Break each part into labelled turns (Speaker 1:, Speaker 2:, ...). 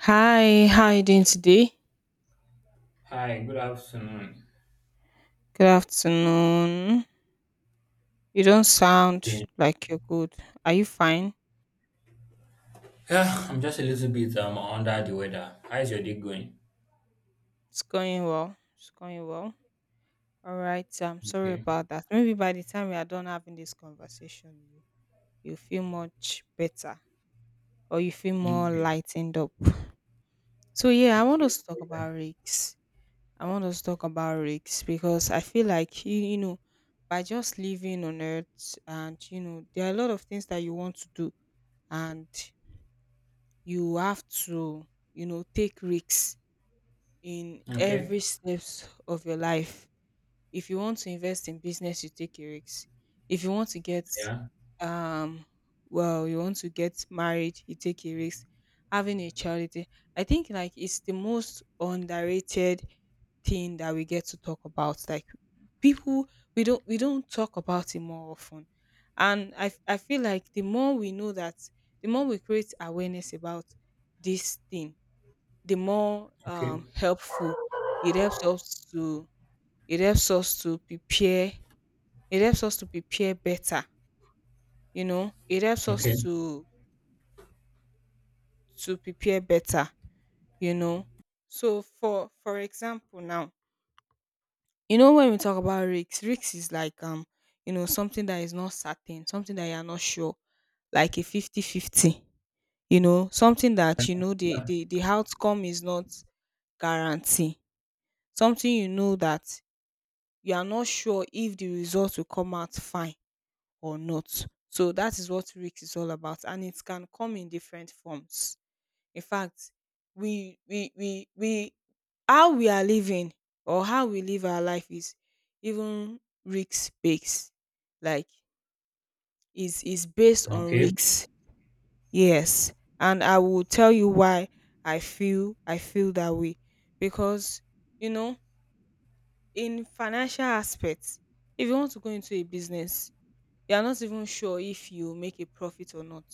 Speaker 1: Hi, how you doing today?
Speaker 2: Hi, good afternoon.
Speaker 1: Good afternoon. You don't sound
Speaker 2: Doing?
Speaker 1: like you're good. Are you fine?
Speaker 2: Yeah, I'm just a little bit under the weather. How's your day going?
Speaker 1: It's going well. It's going well. All right. I'm sorry
Speaker 2: Okay,
Speaker 1: about that. Maybe by the time we are done having this conversation, you feel much better or you feel more
Speaker 2: okay,
Speaker 1: lightened up. So yeah, I want
Speaker 2: okay,
Speaker 1: us to talk about risks. I want us to talk about risks because I feel like by just living on earth and there are a lot of things that you want to do, and you have to take risks in
Speaker 2: okay,
Speaker 1: every steps of your life. If you want to invest in business you take a risk. If you want to get
Speaker 2: yeah,
Speaker 1: um well, you want to get married you take a risk, having a charity. I think like it's the most underrated thing that we get to talk about, like people. We don't talk about it more often, and I feel like the more we know that, the more we create awareness about this thing, the more
Speaker 2: okay,
Speaker 1: helpful. It helps us to, it helps us to prepare. It helps us to prepare better. You know, it helps
Speaker 2: okay,
Speaker 1: us to prepare better, you know. So for example now, you know, when we talk about risks, risks is like, you know, something that is not certain, something that you are not sure, like a fifty-fifty. You know, something that you know the
Speaker 2: yeah,
Speaker 1: the, the outcome is not guarantee. Something you know that you are not sure if the result will come out fine or not. So that is what risk is all about, and it can come in different forms. In fact, we how we are living or how we live our life is even risk based. Like, is based on
Speaker 2: okay,
Speaker 1: risks. Yes. And I will tell you why I feel that way. Because, you know, in financial aspects, if you want to go into a business, you are not even sure if you make a profit or not,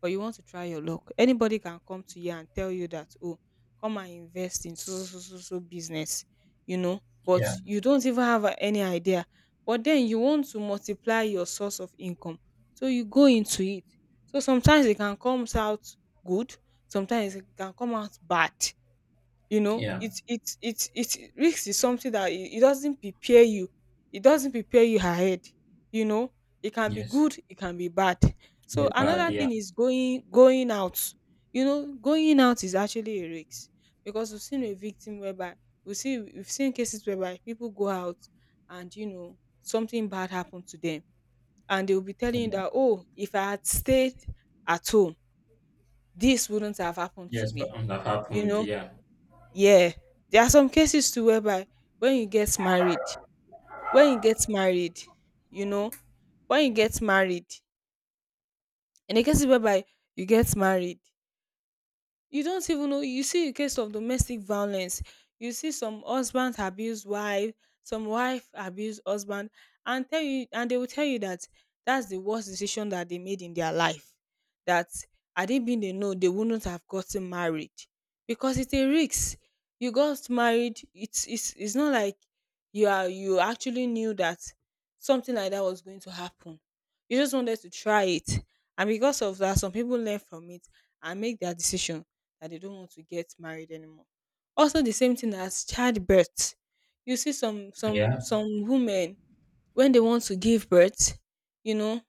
Speaker 1: but you want to try your luck. Anybody can come to you and tell you that, oh, come and invest in so so so so business, you know, but
Speaker 2: yeah,
Speaker 1: you don't even have any idea. But then you want to multiply your source of income, so you go into it. So sometimes it can come out good, sometimes it can come out bad. You know,
Speaker 2: yeah,
Speaker 1: it's risk is something that it doesn't prepare you, it doesn't prepare you ahead, you know. It can be
Speaker 2: yes,
Speaker 1: good, it can be bad. So
Speaker 2: very bad,
Speaker 1: another
Speaker 2: yeah,
Speaker 1: thing is going out. You know, going out is actually a risk because we've seen a victim whereby we've seen cases whereby people go out and you know something bad happened to them, and they'll be telling you
Speaker 2: yeah,
Speaker 1: that, oh, if I had stayed at home this wouldn't have happened to
Speaker 2: yes, but
Speaker 1: me,
Speaker 2: that
Speaker 1: you
Speaker 2: happened,
Speaker 1: know.
Speaker 2: yeah,
Speaker 1: Yeah, there are some cases too whereby when you get married, when you get married, you know, when you get married, in the cases whereby you get married, you don't even know, you see a case of domestic violence. You see some husband abuse wife, some wife abuse husband, and tell you and they will tell you that that's the worst decision that they made in their life, that had it been they know they wouldn't have gotten married because it's a risk. You got married, it's it's not like you are you actually knew that something like that was going to happen. You just wanted to try it, and because of that some people learn from it and make their decision that they don't want to get married anymore. Also, the same thing as childbirth. You see some some
Speaker 2: yeah.
Speaker 1: some women when they want to give birth, you know,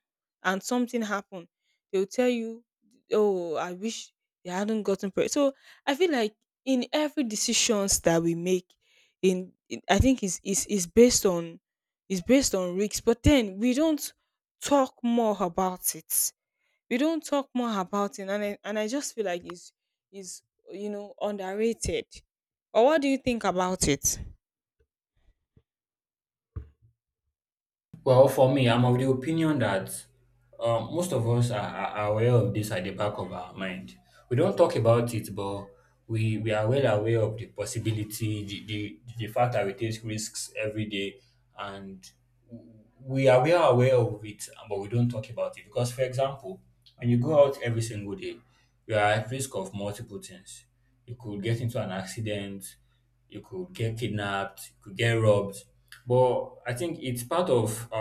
Speaker 1: and something happen, they'll tell you, "Oh, I wish they hadn't gotten pregnant." So I feel like in every decisions that we make, in I think is based on, is based on risks, but then we don't talk more about it, we don't talk more about it. And I just feel like it's, is, you know, underrated. Or what do you think about it?
Speaker 2: Well, for me, I'm of the opinion that most of us are aware of this at the back of our mind. We don't talk about it, but we are well aware of the possibility, the fact that we take risks every day, and we are aware of it, but we don't talk about it. Because, for example, when you go out every single day, you are at risk of multiple things. You could get into an accident, you could get kidnapped, you could get robbed. But I think it's part of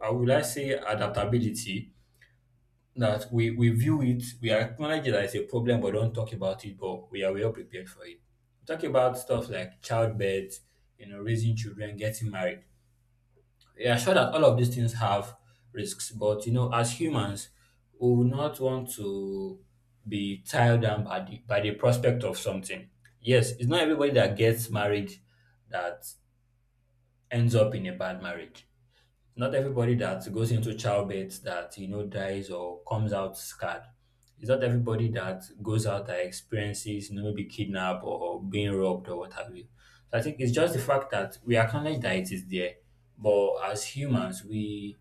Speaker 2: I would I say adaptability that we view it, we acknowledge it as a problem, but don't talk about it, but we are well prepared for it. We talk about stuff like childbirth, you know, raising children, getting married. We are sure that all of these things have risks, but you know, as humans, we would not want to be tied down by the prospect of something. Yes, it's not everybody that gets married that ends up in a bad marriage. Not everybody that goes into childbirth that you know dies or comes out scarred. It's not everybody that goes out that experiences you know maybe kidnap or being robbed or what have you. So I think it's just the fact that we acknowledge that it is there, but as humans we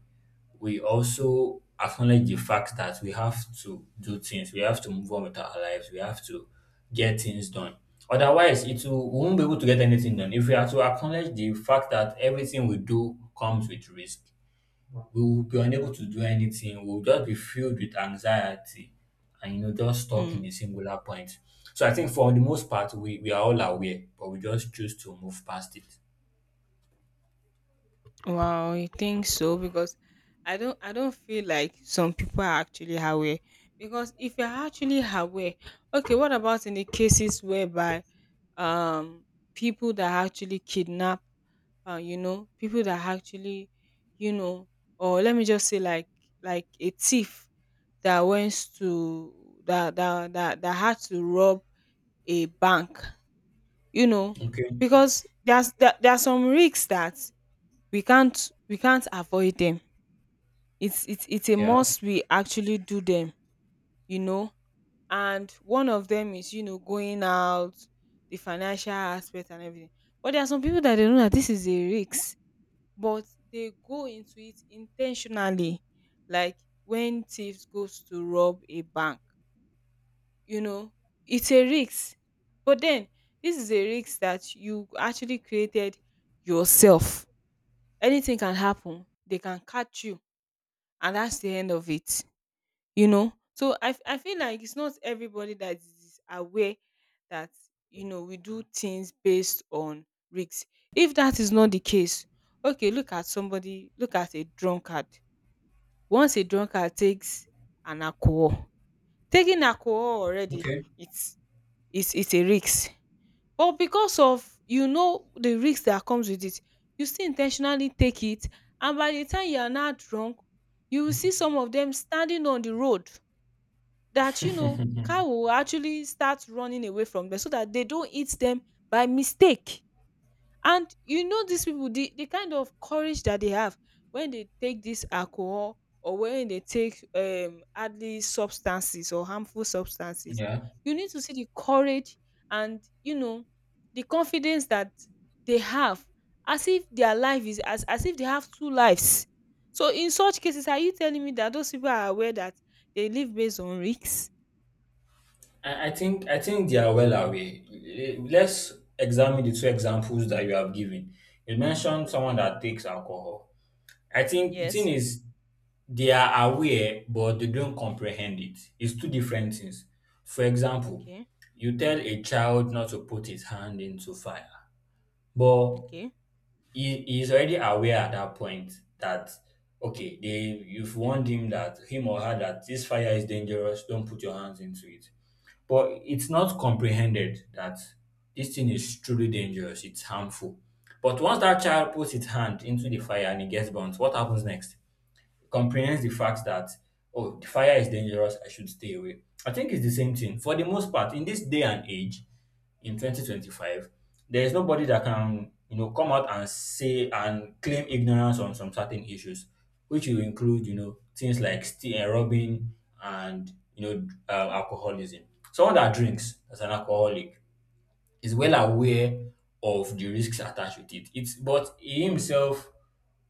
Speaker 2: we also acknowledge the fact that we have to do things, we have to move on with our lives, we have to get things done. Otherwise, it will, we won't be able to get anything done. If we are to acknowledge the fact that everything we do comes with risk, we will be unable to do anything. We'll just be filled with anxiety and you know just stuck in
Speaker 1: Mm.
Speaker 2: a singular point. So I think for the most part, we are all aware, but we just choose to move past it.
Speaker 1: Wow, you think so? Because I don't feel like some people are actually aware. Because if you're actually aware, okay, what about in the cases whereby um people that actually kidnap, you know, people that actually, you know, or let me just say like a thief that went to that had to rob a bank, you know,
Speaker 2: Okay.
Speaker 1: because there are some risks that we can't avoid them. It's a
Speaker 2: Yeah.
Speaker 1: must we actually do them, you know. And one of them is, you know, going out, the financial aspect and everything. But there are some people that they know that this is a risk, but they go into it intentionally. Like when thieves goes to rob a bank, you know, it's a risk, but then this is a risk that you actually created yourself. Anything can happen, they can catch you, and that's the end of it, you know. So I feel like it's not everybody that is aware that, you know, we do things based on risk. If that is not the case, okay, look at somebody, look at a drunkard. Once a drunkard takes an alcohol, taking alcohol already,
Speaker 2: Okay.
Speaker 1: it's, it's a risk. But because of, you know, the risk that comes with it, you still intentionally take it. And by the time you are now drunk, you will see some of them standing on the road that, you know, cow will actually start running away from them so that they don't eat them by mistake. And you know these people, the kind of courage that they have when they take this alcohol, or when they take hardly substances or harmful substances,
Speaker 2: Yeah.
Speaker 1: you need to see the courage and, you know, the confidence that they have, as if their life is, as if they have two lives. So in such cases are you telling me that those people are aware that they live based on risks?
Speaker 2: I think they are well aware. Eh, let's examine the two examples that you have given. You mentioned someone
Speaker 1: Okay.
Speaker 2: that takes alcohol. I think the thing
Speaker 1: Yes.
Speaker 2: is they are aware, but they don't comprehend it. It's two different things. For example,
Speaker 1: Okay.
Speaker 2: you tell a child not to put his hand into fire, but
Speaker 1: Okay.
Speaker 2: he is already aware at that point that okay, they you've warned him that him or her that this fire is dangerous, don't put your hands into it. But it's not comprehended that this thing is truly dangerous, it's harmful. But once that child puts its hand into the fire and it gets burnt, what happens next? Comprehends the fact that, oh, the fire is dangerous, I should stay away. I think it's the same thing. For the most part, in this day and age, in 2025, there is nobody that can, you know, come out and say and claim ignorance on some certain issues, which will include, you know, things like stealing, robbing, and, you know, alcoholism. Someone that drinks as an alcoholic is well aware of the risks attached with it. It's but he himself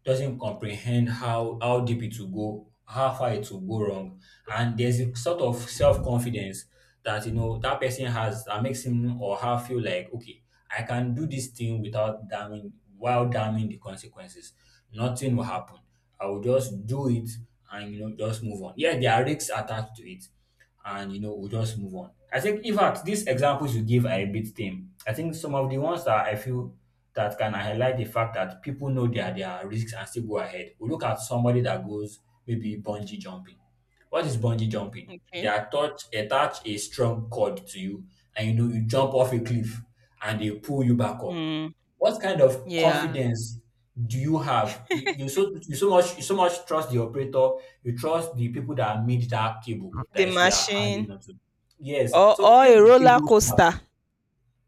Speaker 2: doesn't comprehend how deep it will go, how far it will go wrong, and there's a sort of self confidence that you know that person has that makes him or her feel like okay, I can do this thing without damning while damning the consequences. Nothing will happen. I will just do it and you know just move on. Yeah, there are risks attached to it, and you know we'll just move on. I think in fact these examples you give are a bit tame. I think some of the ones that I feel that can highlight the fact that people know their risks and still go ahead. We look at somebody that goes maybe bungee jumping. What is bungee jumping? They
Speaker 1: Okay.
Speaker 2: attach a strong cord to you and you know you jump off a cliff and they pull you back up.
Speaker 1: Mm.
Speaker 2: What kind of
Speaker 1: Yeah.
Speaker 2: confidence do you have? You so much trust the operator. You trust the people that made that cable
Speaker 1: The
Speaker 2: that is you are hanging
Speaker 1: machine,
Speaker 2: onto. Yes. So
Speaker 1: or
Speaker 2: if
Speaker 1: a
Speaker 2: the
Speaker 1: roller
Speaker 2: cable snaps
Speaker 1: coaster.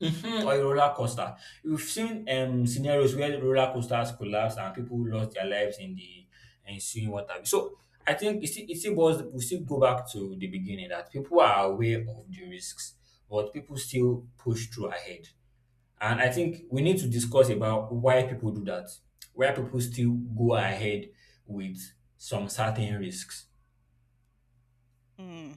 Speaker 2: mhm, or a roller coaster, we've seen scenarios where roller coasters collapse and people lost their lives in the ensuing water. So I think it still boils, we still go back to the beginning that people are aware of the risks, but people still push through ahead. And I think we need to discuss about why people do that, why people still go ahead with some certain risks.
Speaker 1: Mm.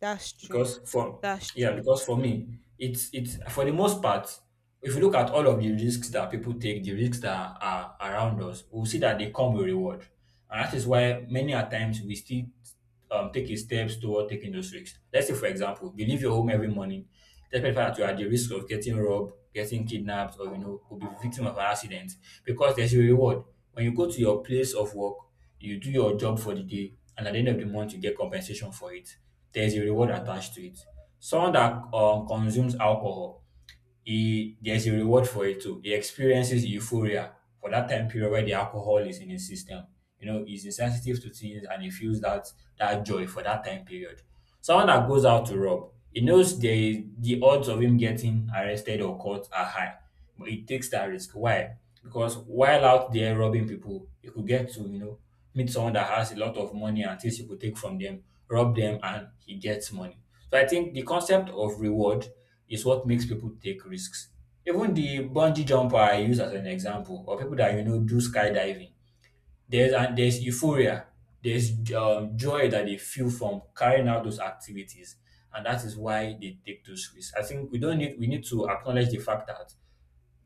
Speaker 1: That's true.
Speaker 2: Because for
Speaker 1: That's
Speaker 2: Yeah,
Speaker 1: true.
Speaker 2: because for me it's for the most part, if you look at all of the risks that people take, the risks that are around us, we'll see that they come with reward, and that is why many a times we still taking steps toward taking those risks. Let's say for example you leave your home every morning despite the fact that you are at the risk of getting robbed, getting kidnapped, or you know could be victim of an accident, because there's a reward. When you go to your place of work, you do your job for the day, and at the end of the month, you get compensation for it. There's a reward attached to it. Someone that consumes alcohol, he there's a reward for it too. He experiences euphoria for that time period where the alcohol is in his system. You know, he's insensitive to things and he feels that that joy for that time period. Someone that goes out to rob, he knows the odds of him getting arrested or caught are high. But it takes that risk. Why? Because while out there robbing people, you could get to, you know, meet someone that has a lot of money and things you could take from them, rob them, and he gets money. So I think the concept of reward is what makes people take risks. Even the bungee jumper I use as an example, or people that you know do skydiving, there's and there's euphoria, there's joy that they feel from carrying out those activities, and that is why they take those risks. I think we don't need we need to acknowledge the fact that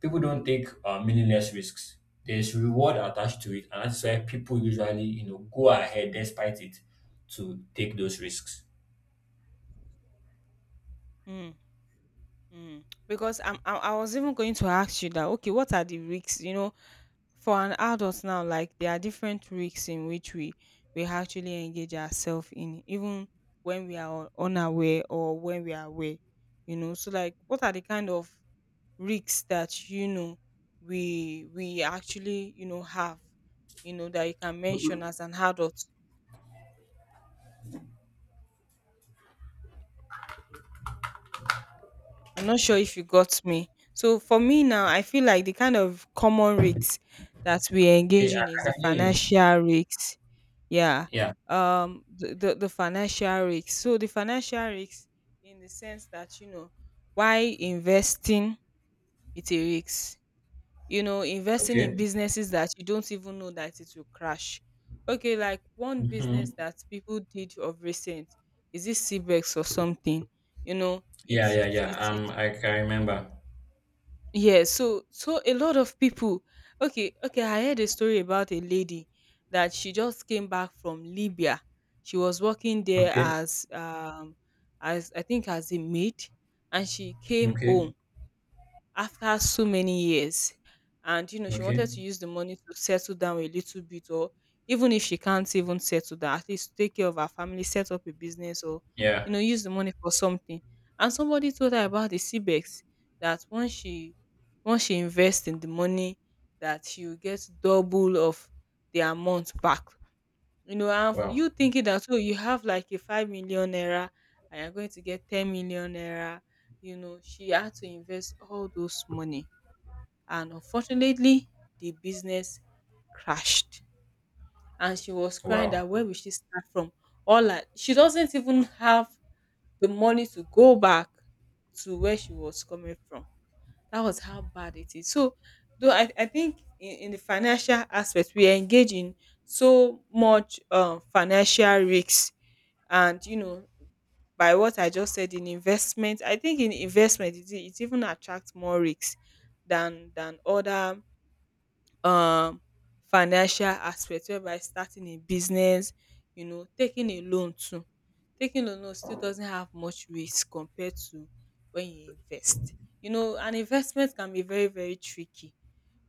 Speaker 2: people don't take meaningless risks. There's reward attached to it, and that's why people usually, you know, go ahead despite it to take those risks.
Speaker 1: Mm. Mm. Because I was even going to ask you that, okay, what are the risks, you know, for an adult now, like there are different risks in which we actually engage ourselves in, even when we are unaware or when we are aware, you know. So like what are the kind of risks that you know we actually, you know, have, you know, that you can mention
Speaker 2: Okay,
Speaker 1: as an adult? I'm not sure if you got me. So for me now, I feel like the kind of common risks that we
Speaker 2: I,
Speaker 1: engage
Speaker 2: I
Speaker 1: in is the
Speaker 2: can hear you.
Speaker 1: financial risks. Yeah.
Speaker 2: Yeah.
Speaker 1: The financial risks. So the financial risks in the sense that, you know, why investing it's a risk. You know, investing in
Speaker 2: Okay.
Speaker 1: businesses that you don't even know that it will crash. Okay, like one
Speaker 2: Hmm.
Speaker 1: business that people did of recent, is it Cbex or something? You know
Speaker 2: Yeah,
Speaker 1: it's
Speaker 2: yeah,
Speaker 1: it's
Speaker 2: yeah.
Speaker 1: it's it.
Speaker 2: I can remember.
Speaker 1: Yeah, so a lot of people. Okay, okay, I heard a story about a lady that she just came back from Libya. She was working there
Speaker 2: Okay.
Speaker 1: as I think as a maid, and she came home
Speaker 2: Okay.
Speaker 1: after so many years, and you know she wanted
Speaker 2: Okay.
Speaker 1: to use the money to settle down a little bit, or even if she can't even settle down at least take care of her family, set up a business, or
Speaker 2: Yeah.
Speaker 1: you know use the money for something. And somebody told her about the cbex, that once she, once she invests in the money, that she will get double of the amount back. You know, and
Speaker 2: Wow.
Speaker 1: you thinking that, so you have like a 5 million naira and you're going to get 10 million naira. You know, she had to invest all those money, and unfortunately, the business crashed. And she was crying
Speaker 2: Wow.
Speaker 1: that where will she start from? All that she doesn't even have the money to go back to where she was coming from. That was how bad it is. So, though I think in the financial aspect, we are engaged in so much, financial risks. And, you know, by what I just said in investment, I think in investment, it even attracts more risks than other um financial aspect, whereby starting a business, you know, taking a loan too. Taking a loan still doesn't have much risk compared to when you invest. You know, an investment can be very, very tricky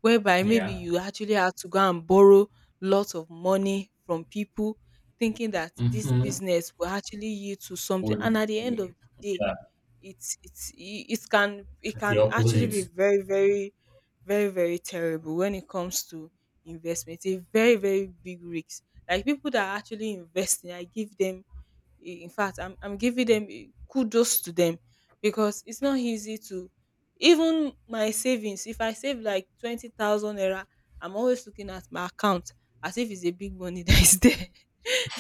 Speaker 1: whereby maybe
Speaker 2: Yeah.
Speaker 1: you actually have to go and borrow lots of money from people thinking that this
Speaker 2: Mm-hmm.
Speaker 1: business will actually yield to something, and
Speaker 2: Would
Speaker 1: at the end of the day,
Speaker 2: yeah.
Speaker 1: it's it's i- it can it
Speaker 2: It's the
Speaker 1: can actually be
Speaker 2: opposite.
Speaker 1: very, very, very, very terrible when it comes to investment. It's a very, very big risk. Like, people that are actually investing, I give them I- in fact, I'm giving them, kudos to them, because it's not easy to. Even my savings, if I save like 20,000 naira, I'm always looking at my account as if it's a big money that is there.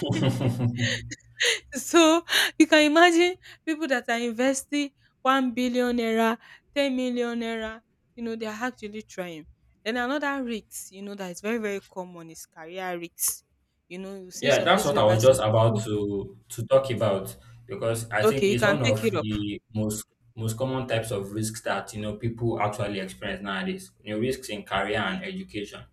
Speaker 1: So you can imagine people that are investing 1 billion naira, 10 million naira. You know, they are actually trying. Then another risk, that is very, very common, is career risks. You see
Speaker 2: Yeah,
Speaker 1: some
Speaker 2: that's
Speaker 1: cases
Speaker 2: what I
Speaker 1: whereby
Speaker 2: was
Speaker 1: some
Speaker 2: just about
Speaker 1: people—
Speaker 2: to talk about, because I think
Speaker 1: Okay, you
Speaker 2: it's
Speaker 1: can
Speaker 2: one
Speaker 1: take it
Speaker 2: of
Speaker 1: up.
Speaker 2: the most common types of risks that you know people actually experience nowadays. You know, risks in career and
Speaker 1: Mm.
Speaker 2: education.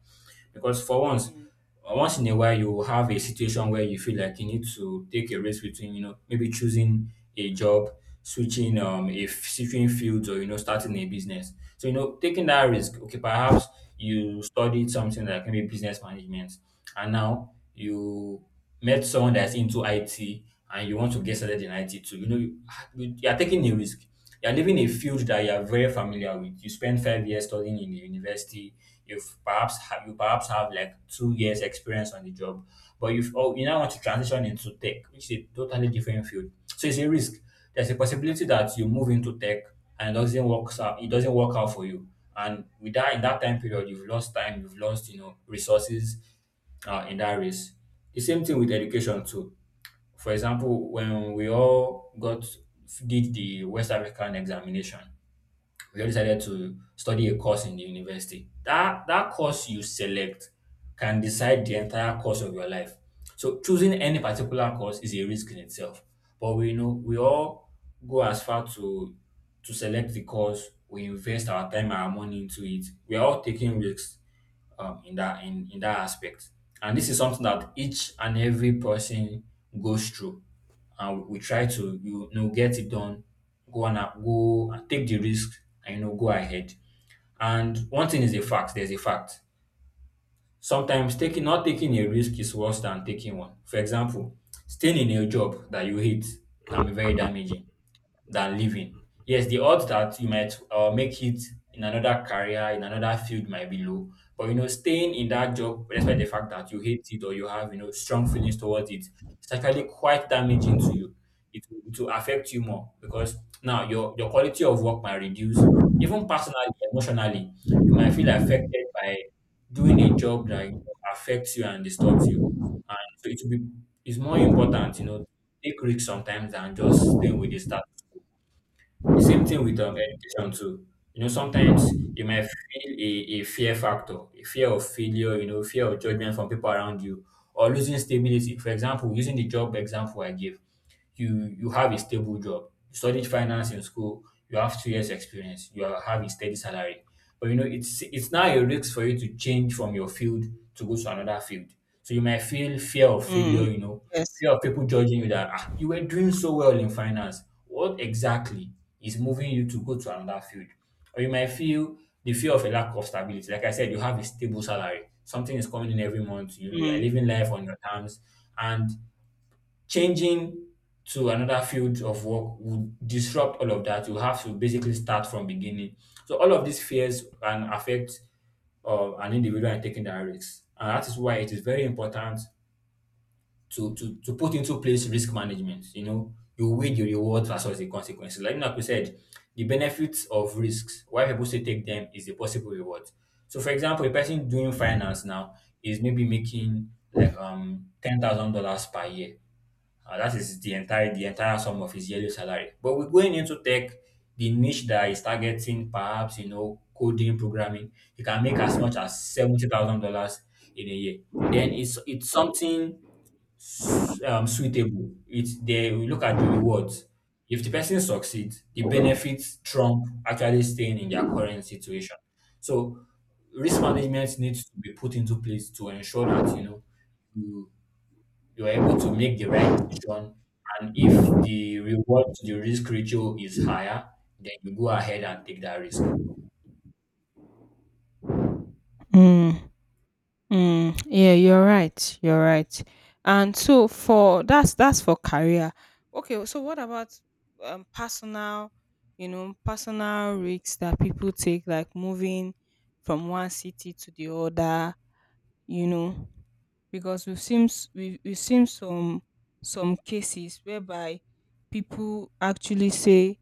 Speaker 2: Because for once,
Speaker 1: Mm.
Speaker 2: once in a while, you will have a situation where you feel like you need to take a risk between you know maybe choosing a job, switching if switching fields or you know starting a business. So you know taking that risk. Okay, perhaps you studied something like maybe business management, and now you met someone that's into IT and you want to get started in IT too, you know, you are taking a risk. You are leaving a field that you are very familiar with. You spend 5 years studying in the university. You perhaps have like 2 years experience on the job, but you've oh, you now want to transition into tech, which is a totally different field. So it's a risk. There's a possibility that you move into tech and it doesn't work out. It doesn't work out for you, and with that in that time period, you've lost time. You've lost you know resources in that race. The same thing with education too. For example, when we all got did the West African examination, we all decided to study a course in the university. That course you select can decide the entire course of your life. So choosing any particular course is a risk in itself. But we know we all go as far to select the course, we invest our time and our money into it. We are all taking risks in that in that aspect. And this is something that each and every person goes through, and we try to you know get it done, go and take the risk, and you know go ahead. And one thing is a fact. There's a fact. Sometimes taking not taking a risk is worse than taking one. For example, staying in a job that you hate can be very damaging than leaving. Yes, the odds that you might make it in another career, in another field might be low. But you know, staying in that job, despite the fact that you hate it or you have, you know, strong feelings towards it, it's actually quite damaging to you. It will affect you more because now your quality of work might reduce. Even personally, emotionally, you might feel affected by doing a job that you know, affects you and disturbs you. And so it will be it's more important, you know, take risks sometimes than just staying with the status the same thing with education too. You know, sometimes you might feel a fear factor, a fear of failure, you know, fear of judgment from people around you, or losing stability. For example, using the job example I gave, you have a stable job. You studied finance in school, you have 2 years experience, you have a steady salary. But you know, it's now a risk for you to change from your field to go to another field. So you might feel fear of
Speaker 1: Mm.
Speaker 2: failure, you know,
Speaker 1: Yes.
Speaker 2: fear of people judging you that you were doing so well in finance. What exactly is moving you to go to another field? Or you might feel the fear of a lack of stability. Like I said, you have a stable salary. Something is coming in every month. You know, you're
Speaker 1: Mm.
Speaker 2: living life on your terms. And changing to another field of work would disrupt all of that. You have to basically start from beginning. So all of these fears can affect an individual in taking that risk, and that is why it is very important to to put into place risk management. You know, you weigh the rewards versus the consequences. Like we said, the benefits of risks, why people say take them, is the possible reward. So for example, a person doing finance now is maybe making like $10,000 per year, that is the entire sum of his yearly salary. But we're going into tech, the niche that is targeting, perhaps you know, coding, programming. You can make as much as $70,000 in a year. Then it's something suitable. It's they we look at the rewards. If the person succeeds, the benefits trump actually staying in their current situation. So risk management needs to be put into place to ensure that you know you you're able to make the right decision. And if the reward to the risk ratio is higher, then you go ahead and take that risk.
Speaker 1: Mm. Mm, yeah, you're right. You're right. And so, for that's for career. Okay, so what about, personal, personal risks that people take, like moving from one city to the other. You know, because we've seen we've seen some cases whereby people actually say—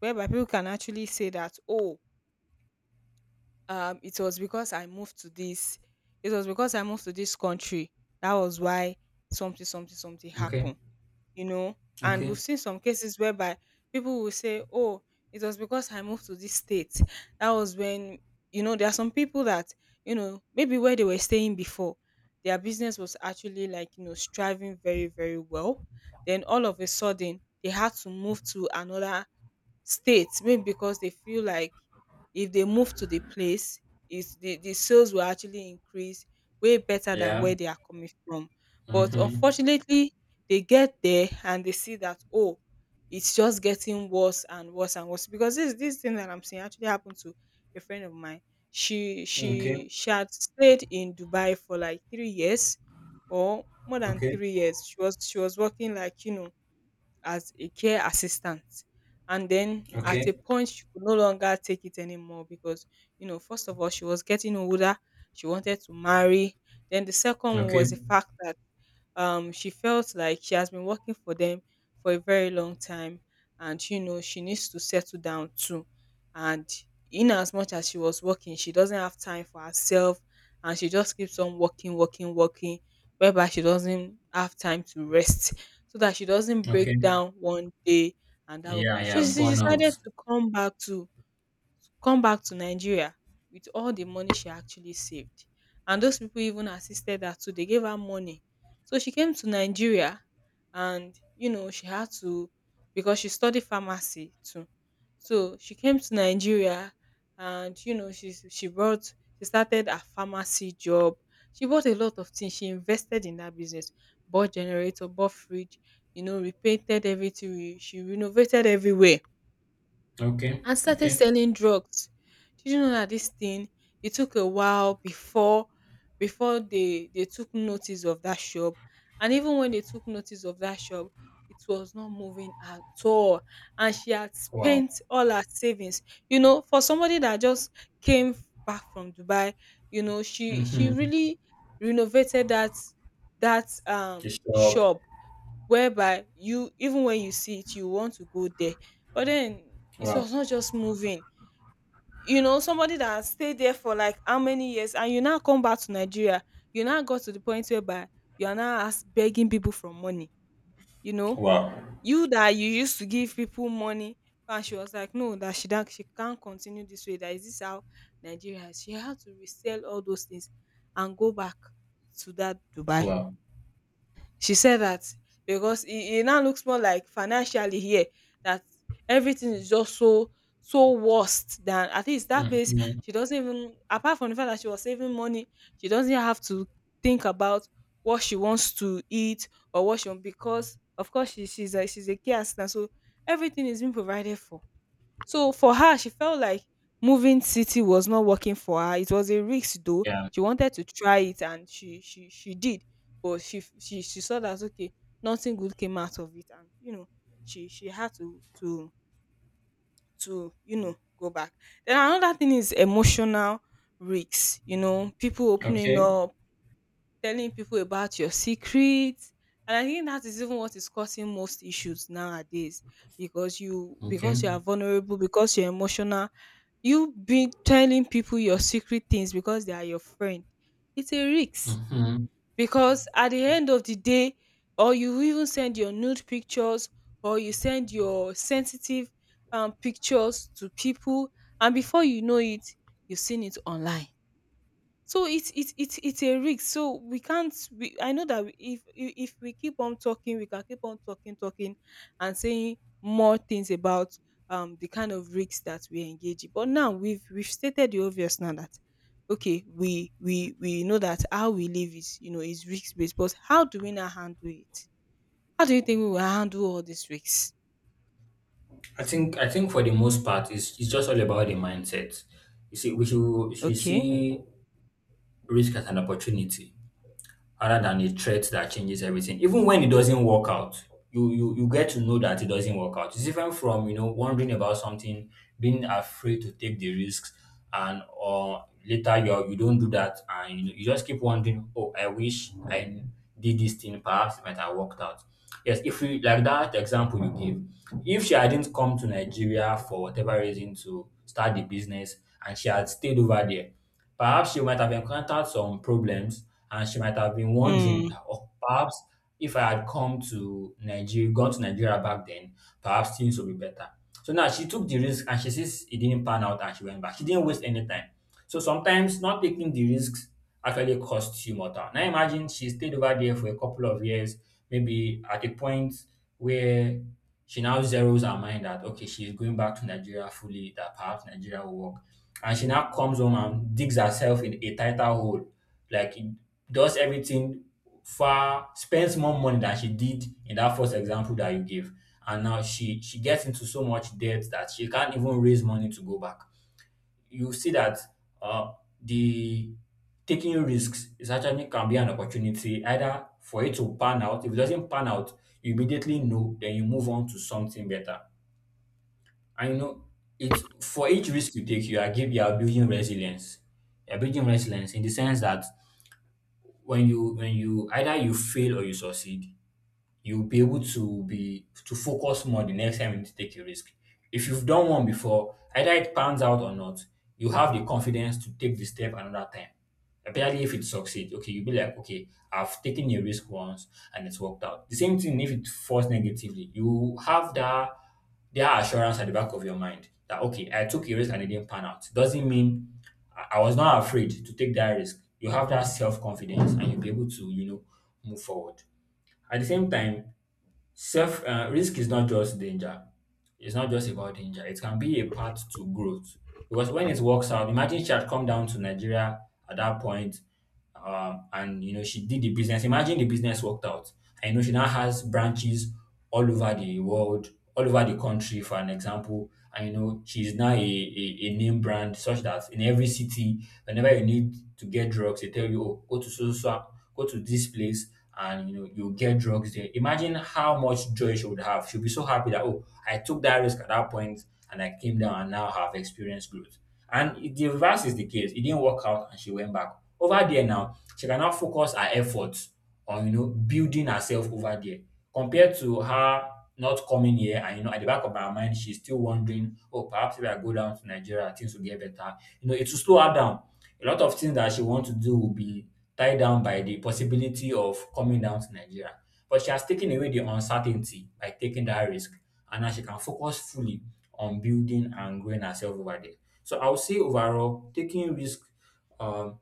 Speaker 1: whereby people can actually say that, oh, um it was because i moved to this it was because I moved to this country. That was why something, something, something
Speaker 2: Okay.
Speaker 1: happened. You know, and we've
Speaker 2: Okay.
Speaker 1: seen some cases whereby people will say, oh, it was because I moved to this state. That was when, there are some people that, maybe where they were staying before, their business was actually, like, striving very, very well. Then all of a sudden, they had to move to another state, maybe because they feel like if they move to the place, is the sales will actually increase way better than where
Speaker 2: Yeah.
Speaker 1: they are coming from. But
Speaker 2: Mm-hmm.
Speaker 1: unfortunately, they get there and they see that, oh, it's just getting worse and worse and worse, because this thing that I'm saying actually happened to a friend of mine. she
Speaker 2: Okay.
Speaker 1: she she had stayed in Dubai for like 3 years, or more than
Speaker 2: Okay.
Speaker 1: 3 years. She was working, like, as a care assistant. And then at
Speaker 2: Okay.
Speaker 1: a point, she could no longer take it anymore because, first of all, she was getting older. She wanted to marry. Then the second one
Speaker 2: Okay.
Speaker 1: was the fact that, she felt like she has been working for them for a very long time. And, she needs to settle down too. And in as much as she was working, she doesn't have time for herself. And she just keeps on working, working, working, whereby she doesn't have time to rest so that she doesn't
Speaker 2: Okay.
Speaker 1: break down one day, and that will
Speaker 2: Yeah.
Speaker 1: be— So
Speaker 2: Yeah.
Speaker 1: she decided
Speaker 2: Burnout.
Speaker 1: to come back to Nigeria with all the money she actually saved. And those people even assisted her too. They gave her money. So she came to Nigeria and, she had to, because she studied pharmacy too. So she came to Nigeria and, she started a pharmacy job. She bought a lot of things. She invested in that business, bought generator, bought fridge, repainted everything. She renovated everywhere
Speaker 2: Okay.
Speaker 1: and started
Speaker 2: Okay.
Speaker 1: selling drugs. Did you know that this thing— it took a while before, they took notice of that shop. And even when they took notice of that shop, it was not moving at all, and she had
Speaker 2: Wow.
Speaker 1: spent all her savings, for somebody that just came back from Dubai. You know, she
Speaker 2: Mm-hmm.
Speaker 1: really renovated that
Speaker 2: Just up.
Speaker 1: shop, whereby, you even when you see it, you want to go there. But then, it
Speaker 2: Wow.
Speaker 1: was not just moving. You know, somebody that has stayed there for like how many years, and you now come back to Nigeria, you now got to the point whereby you are now ask begging people for money, you know?
Speaker 2: Wow.
Speaker 1: You that you used to give people money. And she was like, no, that she can't continue this way. That is this how Nigeria is. She had to resell all those things and go back to that Dubai.
Speaker 2: Wow.
Speaker 1: She said that because it now looks more like financially here that everything is just so, so worst than at least that place.
Speaker 2: Mm-hmm.
Speaker 1: She doesn't even— apart from the fact that she was saving money, she doesn't have to think about what she wants to eat or what she want, because of course she's a care assistant. So everything is being provided for. So for her, she felt like moving city was not working for her. It was a risk though.
Speaker 2: Yeah.
Speaker 1: She wanted to try it, and she did. But she f- she saw that, okay, nothing good came out of it, and, she had to go back. Then another thing is emotional risks, people opening
Speaker 2: Okay.
Speaker 1: up, telling people about your secrets. And I think that is even what is causing most issues nowadays, because you
Speaker 2: Okay.
Speaker 1: because you are vulnerable, because you're emotional, you be telling people your secret things because they are your friend. It's a risk
Speaker 2: Mm-hmm.
Speaker 1: because, at the end of the day, or you even send your nude pictures, or you send your sensitive, pictures to people, and before you know it, you've seen it online. So it's a risk. So we can't, we— I know that we— if we keep on talking, we can keep on talking and saying more things about, the kind of risks that we engage in. But now we've stated the obvious now that, okay, we know that how we live is you know is risk based. But how do we now handle it? How do you think we will handle all these risks?
Speaker 2: I think for the most part, it's just all about the mindset. You see, we should
Speaker 1: Okay.
Speaker 2: see risk as an opportunity rather than a threat that changes everything. Even when it doesn't work out, you get to know that it doesn't work out. It's different from you know wondering about something, being afraid to take the risks, and or later you don't do that, and you know, you just keep wondering, oh, I wish I did this thing. Perhaps it might have worked out. Yes, if we like that example you gave, if she hadn't come to Nigeria for whatever reason to start the business and she had stayed over there. Perhaps she might have encountered some problems and she might have been wondering
Speaker 1: Mm.
Speaker 2: that, oh, perhaps if I had come to Nigeria, gone to Nigeria back then, perhaps things would be better. So now she took the risk and she sees it didn't pan out and she went back. She didn't waste any time. So sometimes not taking the risks actually costs you more time. Now imagine she stayed over there for a couple of years, maybe at a point where she now zeroes her mind that okay, she's going back to Nigeria fully, that perhaps Nigeria will work and she now comes home and digs herself in a tighter hole. Like it does everything far, spends more money than she did in that first example that you gave. And now she gets into so much debt that she can't even raise money to go back. You see that uh, the taking risks is actually can be an opportunity either for it to pan out. If it doesn't pan out, you immediately know, then you move on to something better. And you know, it's for each risk you take, you are building resilience. You are building resilience in the sense that when you either you fail or you succeed, you'll be able to be to focus more the next time you need to take a risk. If you've done one before, either it pans out or not, you have the confidence to take the step another time. Apparently, if it succeeds, okay, you'll be like, okay, I've taken a risk once and it's worked out. The same thing if it falls negatively, you have that assurance at the back of your mind that okay, I took a risk and it didn't pan out. Doesn't mean I was not afraid to take that risk. You have that self confidence and you'll be able to, you know, move forward. At the same time, self risk is not just danger. It's not just about danger. It can be a path to growth because when it works out, imagine she had come down to Nigeria at that point, and you know she did the business. Imagine the business worked out. I know she now has branches all over the world, all over the country, for an example. And you know she's now a name brand such that in every city, whenever you need to get drugs, they tell you, oh, go to so so so- go to this place and you know you get drugs there. Imagine how much joy she would have. She'll be so happy that oh, I took that risk at that point and I came down and now have experienced growth. And the reverse is the case. It didn't work out and she went back. Over there now, she can now focus her efforts on you know building herself over there compared to her not coming here and you know at the back of her mind she's still wondering, oh perhaps if I go down to Nigeria things will get better. You know, it will slow her down. A lot of things that she wants to do will be tied down by the possibility of coming down to Nigeria. But she has taken away the uncertainty by taking that risk and now she can focus fully on building and growing herself over there. So I would say overall, taking risk um,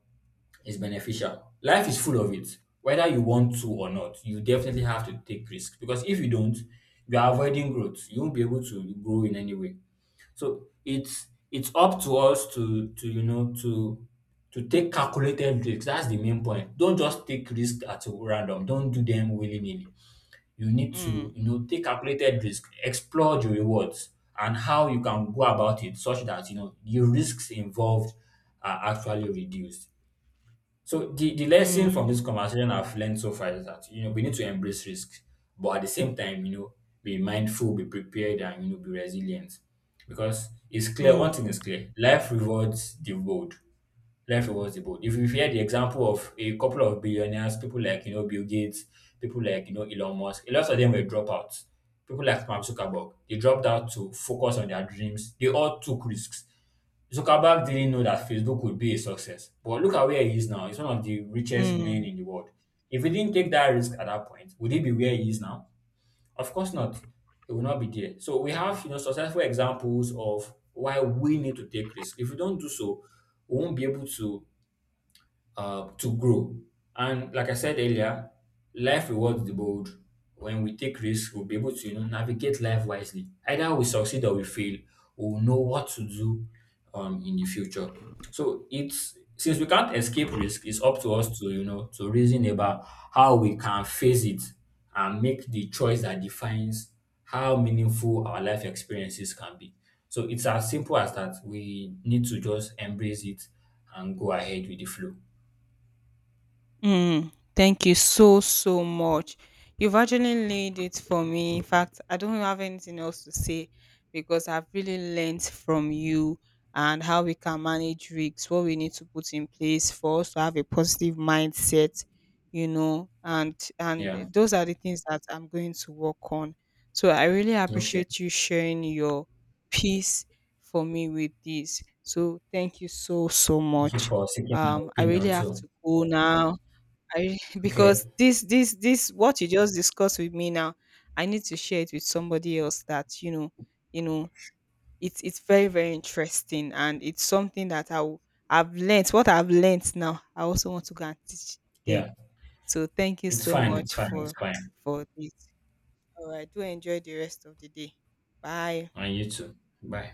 Speaker 2: is beneficial. Life is full of it. Whether you want to or not, you definitely have to take risk because if you don't, you are avoiding growth. You won't be able to grow in any way. So it's up to us to take calculated risks. That's the main point. Don't just take risks at random. Don't do them willy nilly. You need
Speaker 1: Mm.
Speaker 2: to, you know, take calculated risk, explore the rewards and how you can go about it such that, you know, the risks involved are actually reduced. So the
Speaker 1: Mm.
Speaker 2: lesson from this conversation I've learned so far is that, you know, we need to embrace risks, but at the same time, you know, be mindful, be prepared and, you know, be resilient. Because it's clear, one thing
Speaker 1: Mm.
Speaker 2: is clear, life rewards the bold. Life rewards the bold. If you hear the example of a couple of billionaires, people like, you know, Bill Gates, people like, you know, Elon Musk, a lot of them were dropouts. People like Mark Zuckerberg, they dropped out to focus on their dreams. They all took risks. Zuckerberg didn't know that Facebook would be a success. But look at where he is now. He's one of the richest men
Speaker 1: Mm.
Speaker 2: in the world. If he didn't take that risk at that point, would he be where he is now? Of course not. He will not be there. So we have, you know, successful examples of why we need to take risk. If we don't do so, we won't be able to grow. And like I said earlier, life rewards the bold. When we take risks, we'll be able to you know navigate life wisely. Either we succeed or we fail, we'll know what to do in the future. So it's since we can't escape risk, it's up to us to you know to reason about how we can face it and make the choice that defines how meaningful our life experiences can be. So it's as simple as that. We need to just embrace it and go ahead with the flow.
Speaker 1: Mm, thank you so, so much. You've actually laid it for me. In fact, I don't have anything else to say because I've really learned from you and how we can manage risks, what we need to put in place for us to have a positive mindset, and
Speaker 2: Yeah.
Speaker 1: and those are the things that I'm going to work on. So I really
Speaker 2: Okay.
Speaker 1: appreciate you sharing your piece for me with this. So thank you so, so
Speaker 2: Thank you
Speaker 1: much.
Speaker 2: for seeking my
Speaker 1: I really
Speaker 2: opinion
Speaker 1: have
Speaker 2: too.
Speaker 1: to go now. I
Speaker 2: Okay.
Speaker 1: because this what you just discussed with me now, I need to share it with somebody else that, you know, it's very, very interesting, and it's something that I've learnt. What I've learnt now, I also want to go and teach them.
Speaker 2: Yeah.
Speaker 1: So thank you
Speaker 2: It's
Speaker 1: so
Speaker 2: fine. It's
Speaker 1: much
Speaker 2: fine. It's
Speaker 1: for
Speaker 2: fine.
Speaker 1: for this. All right, do enjoy the rest of the day. Bye.
Speaker 2: And you too. Bye.